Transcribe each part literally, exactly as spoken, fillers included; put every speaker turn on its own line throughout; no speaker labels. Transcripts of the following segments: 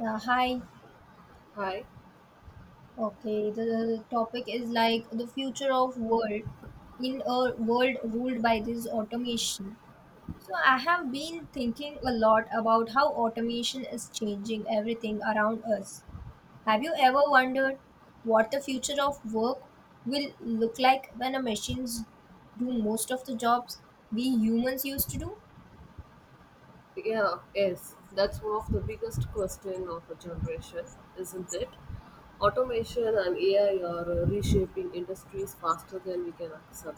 Yeah, hi.
Hi.
Okay, the topic is like the future of work in a world ruled by this automation. So I have been thinking a lot about how automation is changing everything around us. Have you ever wondered what the future of work will look like when the machines do most of the jobs we humans used to do?
Yeah, yes. That's one of the biggest question of a generation, isn't it? Automation and A I are uh, reshaping industries faster than we can accept.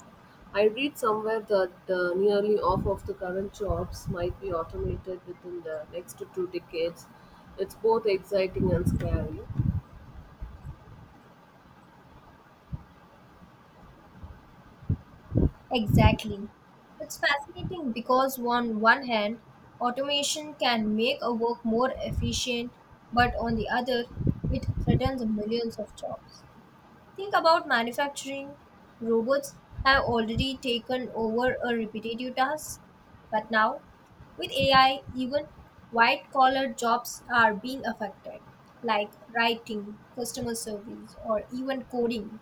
I read somewhere that uh, nearly half of the current jobs might be automated within the next two decades. It's both exciting and scary.
Exactly. It's fascinating because, on one hand, automation can make a work more efficient, but on the other, it threatens millions of jobs. Think about manufacturing. Robots have already taken over a repetitive task, but now, with A I, even white collar jobs are being affected, like writing, customer service, or even coding.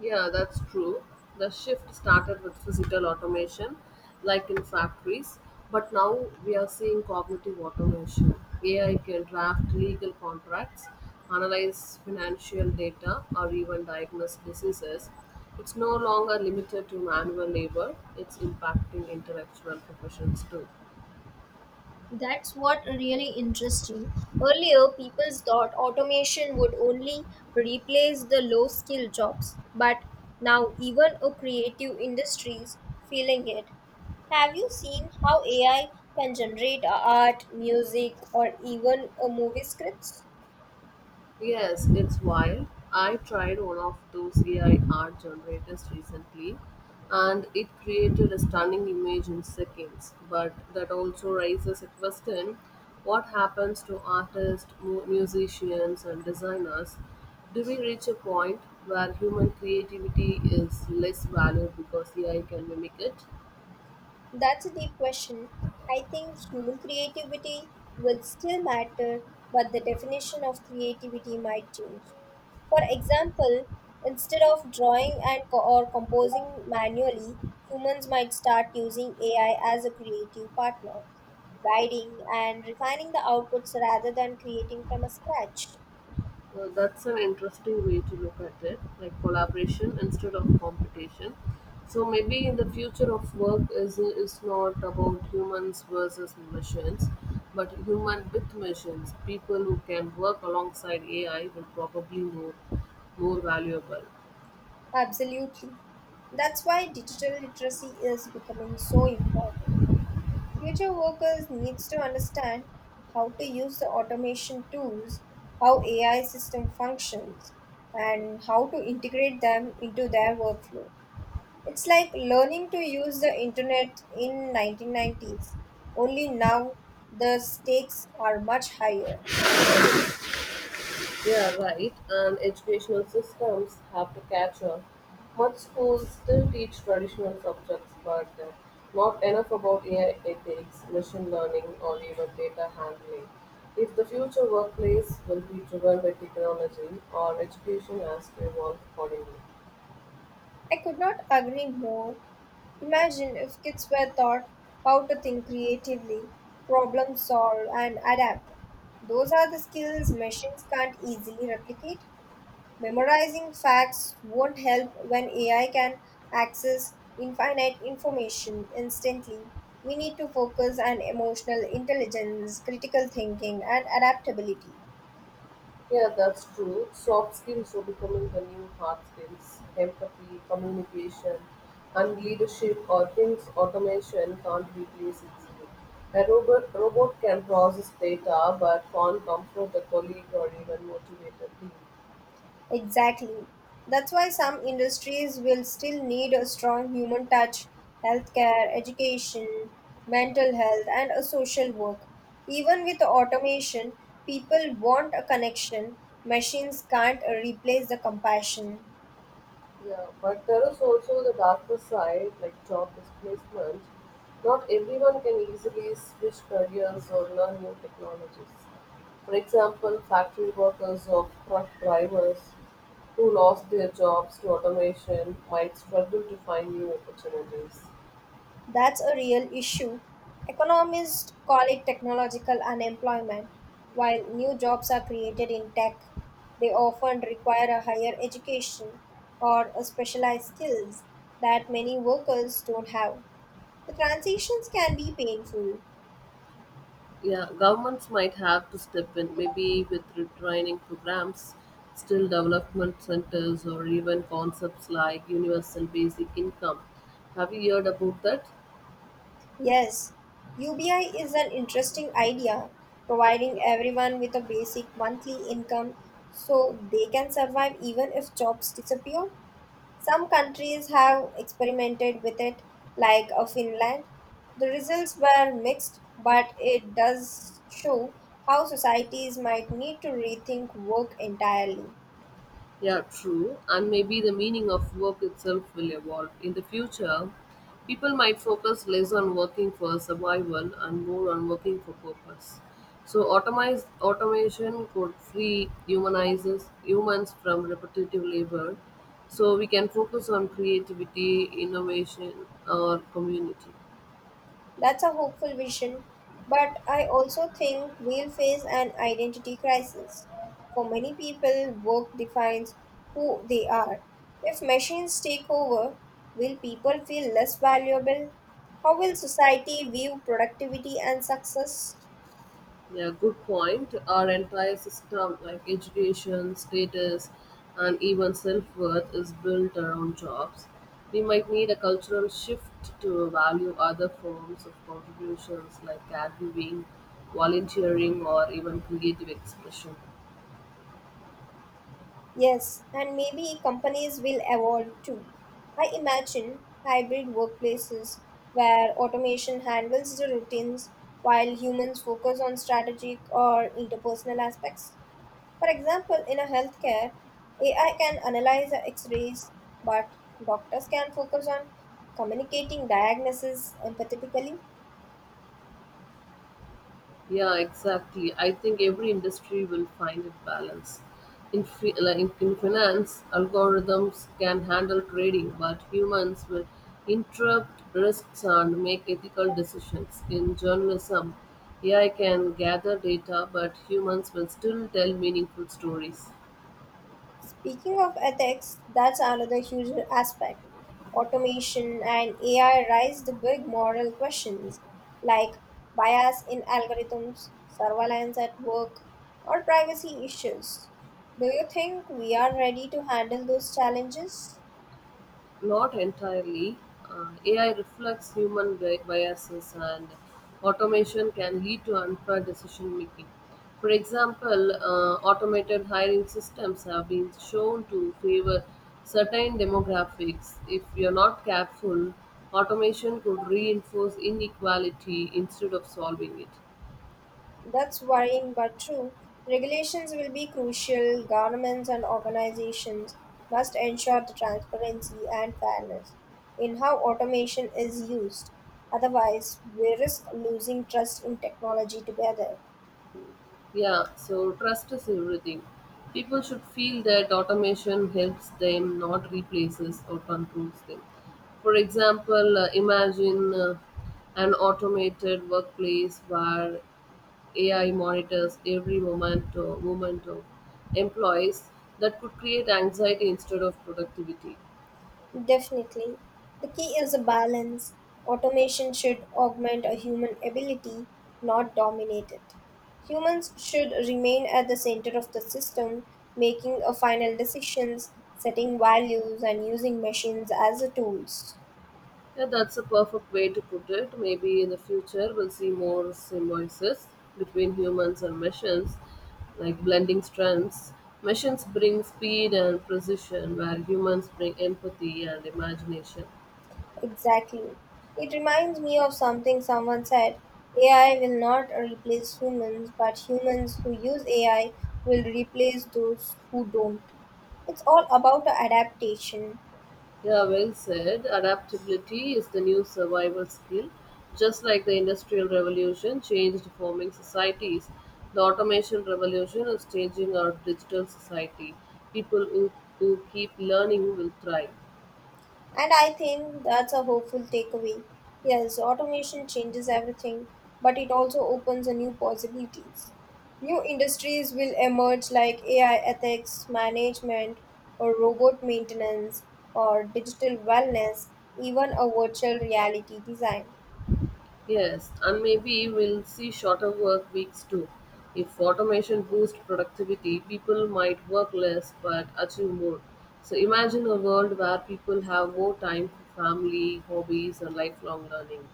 Yeah, that's true. The shift started with physical automation, like in factories, but now we are seeing cognitive automation. A I can draft legal contracts, analyze financial data, or even diagnose diseases. It's no longer limited to manual labor, it's impacting intellectual professions too.
That's what really interesting. Earlier, people thought automation would only replace the low skill jobs, but now even a creative industries feeling it. Have you seen how A I can generate art, music, or even a movie scripts?
Yes, it's wild. I tried one of those A I art generators recently and it created a stunning image in seconds. But that also raises a question, what happens to artists, mu- musicians, and designers? Do we reach a point where human creativity is less valued because A I can mimic it?
That's a deep question. I think human creativity will still matter, but the definition of creativity might change. For example, instead of drawing and co- or composing manually, humans might start using A I as a creative partner, guiding and refining the outputs rather than creating from a scratch.
Well, that's an interesting way to look at it, like collaboration instead of competition. So maybe in the future of work is is not about humans versus machines, but human with machines. People who can work alongside A I will probably more more valuable.
Absolutely. That's why digital literacy is becoming so important. Future workers needs to understand how to use the automation tools, how A I system functions, and how to integrate them into their workflow. It's like learning to use the internet in nineteen nineties. Only now the stakes are much higher.
Yeah, right. And educational systems have to catch up. Much schools still teach traditional subjects, but uh, not enough about A I ethics, machine learning, or even data handling. If the future workplace will be driven by technology, our education has to evolve accordingly.
I could not agree more. Imagine if kids were taught how to think creatively, problem solve, and adapt. Those are the skills machines can't easily replicate. Memorizing facts won't help when A I can access infinite information instantly. We need to focus on emotional intelligence, critical thinking, and adaptability.
Yeah, that's true. Soft skills are becoming the new hard skills. Empathy, communication, and leadership are things automation can't replace easily. A robot, robot can process data but can't comfort a colleague or even motivate a team.
Exactly. That's why some industries will still need a strong human touch, healthcare, education, mental health, and a social work. Even with automation, people want a connection. Machines can't replace the compassion.
Yeah, but there is also the darker side, like job displacement. Not everyone can easily switch careers or learn new technologies. For example, factory workers or truck drivers who lost their jobs to automation might struggle to find new opportunities.
That's a real issue. Economists call it technological unemployment. While new jobs are created in tech, they often require a higher education or a specialized skills that many workers don't have. The transitions can be painful.
Yeah, governments might have to step in, maybe with retraining programs, still development centers, or even concepts like universal basic income. Have you heard about that?
Yes, U B I is an interesting idea, providing everyone with a basic monthly income so they can survive even if jobs disappear. Some countries have experimented with it, like uh, Finland. The results were mixed, but it does show how societies might need to rethink work entirely.
Yeah, true. And maybe the meaning of work itself will evolve. In the future, people might focus less on working for survival and more on working for purpose. So automize, automation could free humanizes humans from repetitive labor. So we can focus on creativity, innovation, or community.
That's a hopeful vision, but I also think we'll face an identity crisis. For many people, work defines who they are. If machines take over, will people feel less valuable? How will society view productivity and success?
Yeah, good point. Our entire system, like education, status, and even self worth, is built around jobs. We might need a cultural shift to value other forms of contributions like caregiving, volunteering, or even creative expression.
Yes, and maybe companies will evolve too. I imagine hybrid workplaces where automation handles the routines while humans focus on strategic or interpersonal aspects. For example, in a healthcare, A I can analyze the x-rays, but doctors can focus on communicating diagnosis empathetically.
Yeah, exactly. I think every industry will find a balance. In, fi- like in in finance, algorithms can handle trading, but humans will interrupt risks and make ethical decisions. In journalism, A I can gather data, but humans will still tell meaningful stories.
Speaking of ethics, that's another huge aspect. Automation and A I raise the big moral questions like bias in algorithms, surveillance at work, or privacy issues. Do you think we are ready to handle those challenges?
Not entirely. Uh, A I reflects human bi- biases, and automation can lead to unfair decision making. For example, uh, automated hiring systems have been shown to favor certain demographics. If you're not careful, automation could reinforce inequality instead of solving it.
That's worrying but true. Regulations will be crucial. Governments and organizations must ensure the transparency and fairness in how automation is used. Otherwise, we risk losing trust in technology together.
Yeah, so trust is everything. People should feel that automation helps them, not replaces or controls them. For example, uh, imagine uh, an automated workplace where A I monitors every moment, uh, movement of employees that could create anxiety instead of productivity.
Definitely. The key is a balance. Automation should augment a human ability, not dominate it. Humans should remain at the center of the system, making a final decisions, setting values, and using machines as a tools.
Yeah, that's a perfect way to put it. Maybe in the future we'll see more symbiosis between humans and machines, like blending strengths. Machines bring speed and precision, where humans bring empathy and imagination.
Exactly. It reminds me of something someone said, A I will not replace humans, but humans who use A I will replace those who don't. It's all about adaptation.
Yeah, well said. Adaptability is the new survival skill. Just like the Industrial Revolution changed forming societies, the Automation Revolution is changing our digital society. People who, who keep learning will thrive.
And I think that's a hopeful takeaway. Yes, automation changes everything, but it also opens a new possibilities. New industries will emerge like A I ethics, management, or robot maintenance, or digital wellness, even a virtual reality design.
Yes, and maybe we'll see shorter work weeks too. If automation boosts productivity, people might work less but achieve more. So imagine a world where people have more time for family, hobbies, and lifelong learning.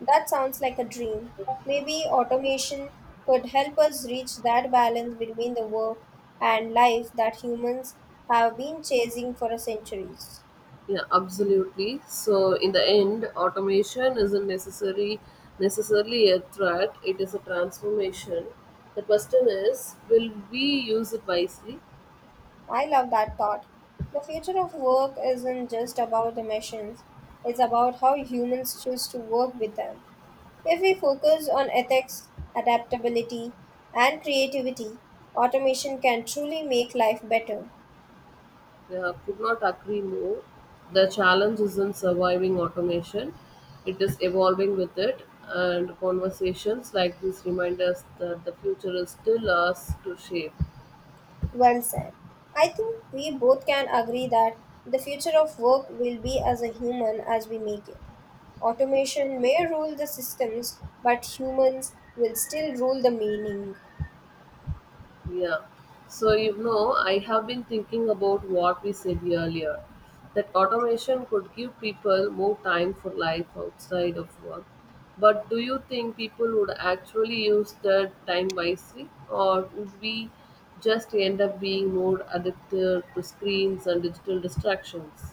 That sounds like a dream. Maybe automation could help us reach that balance between the work and life that humans have been chasing for centuries.
Yeah, absolutely. So in the end, automation isn't necessary necessarily a threat, it is a transformation. The question is, will we use it wisely?
I love that thought. The future of work isn't just about the machines, it's about how humans choose to work with them. If we focus on ethics, adaptability, and creativity, automation can truly make life better.
Yeah, could not agree more. The challenge isn't surviving automation, it is evolving with it. And conversations like this remind us that the future is still us to shape.
Well said. I think we both can agree that the future of work will be as a human as we make it. Automation may rule the systems, but humans will still rule the meaning.
Yeah. So, you know, I have been thinking about what we said earlier that automation could give people more time for life outside of work. But do you think people would actually use that time wisely, or would we just end up being more addicted to screens and digital distractions?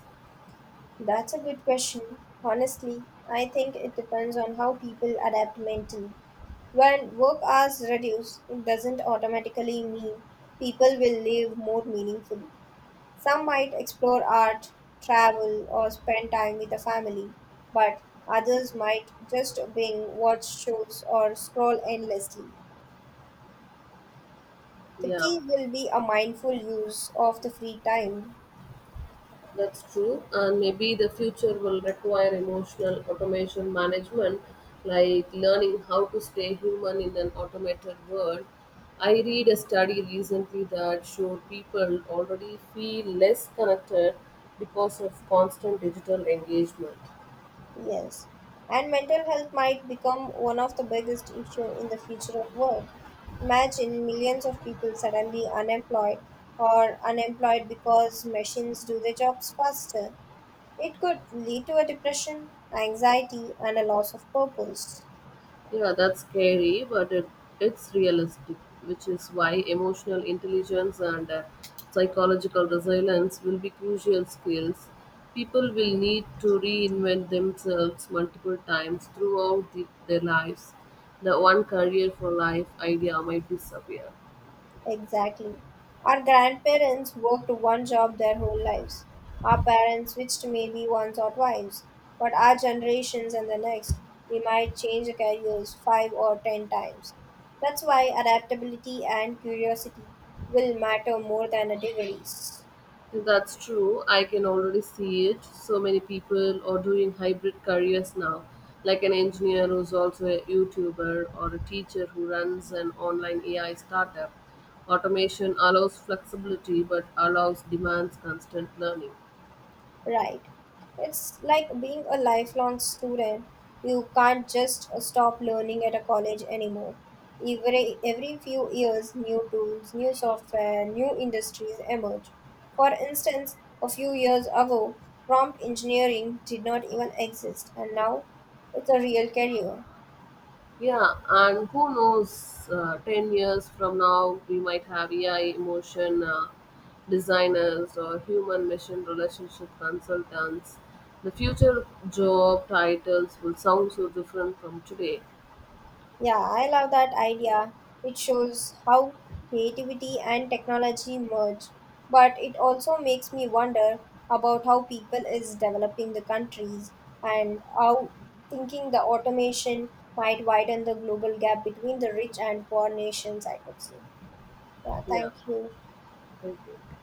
That's a good question. Honestly, I think it depends on how people adapt mentally. When work hours reduce, it doesn't automatically mean people will live more meaningfully. Some might explore art, travel, or spend time with a family, but others might just binge, watch shows, or scroll endlessly. The
Yeah.
key will be a mindful use of the free time.
That's true. And maybe the future will require emotional automation management, like learning how to stay human in an automated world. I read a study recently that showed people already feel less connected because of constant digital engagement.
Yes. And mental health might become one of the biggest issue in the future of work. Imagine millions of people suddenly unemployed or unemployed because machines do their jobs faster. It could lead to a depression, anxiety, and a loss of purpose.
Yeah, that's scary, but it, it's realistic, which is why emotional intelligence and uh, psychological resilience will be crucial skills. People will need to reinvent themselves multiple times throughout the, their lives. The one career for life idea might disappear.
Exactly. Our grandparents worked one job their whole lives. Our parents switched maybe once or twice, but our generations and the next, we might change careers five or ten times. That's why adaptability and curiosity will matter more than a degrees.
That's true. I can already see it. So many people are doing hybrid careers now, like an engineer who's also a YouTuber or a teacher who runs an online A I startup. Automation allows flexibility but allows demands constant learning.
Right. It's like being a lifelong student. You can't just uh, stop learning at a college anymore. Every, every few years, new tools, new software, new industries emerge. For instance, a few years ago, prompt engineering did not even exist, and now it's a real career.
Yeah, and who knows, uh, ten years from now, we might have A I emotion uh, designers or human machine relationship consultants. The future job titles will sound so different from today.
Yeah, I love that idea. It shows how creativity and technology merge. But it also makes me wonder about how people is developing the countries and how thinking the automation might widen the global gap between the rich and poor nations, I could say. Yeah,
Yeah,
thank you.
thank you.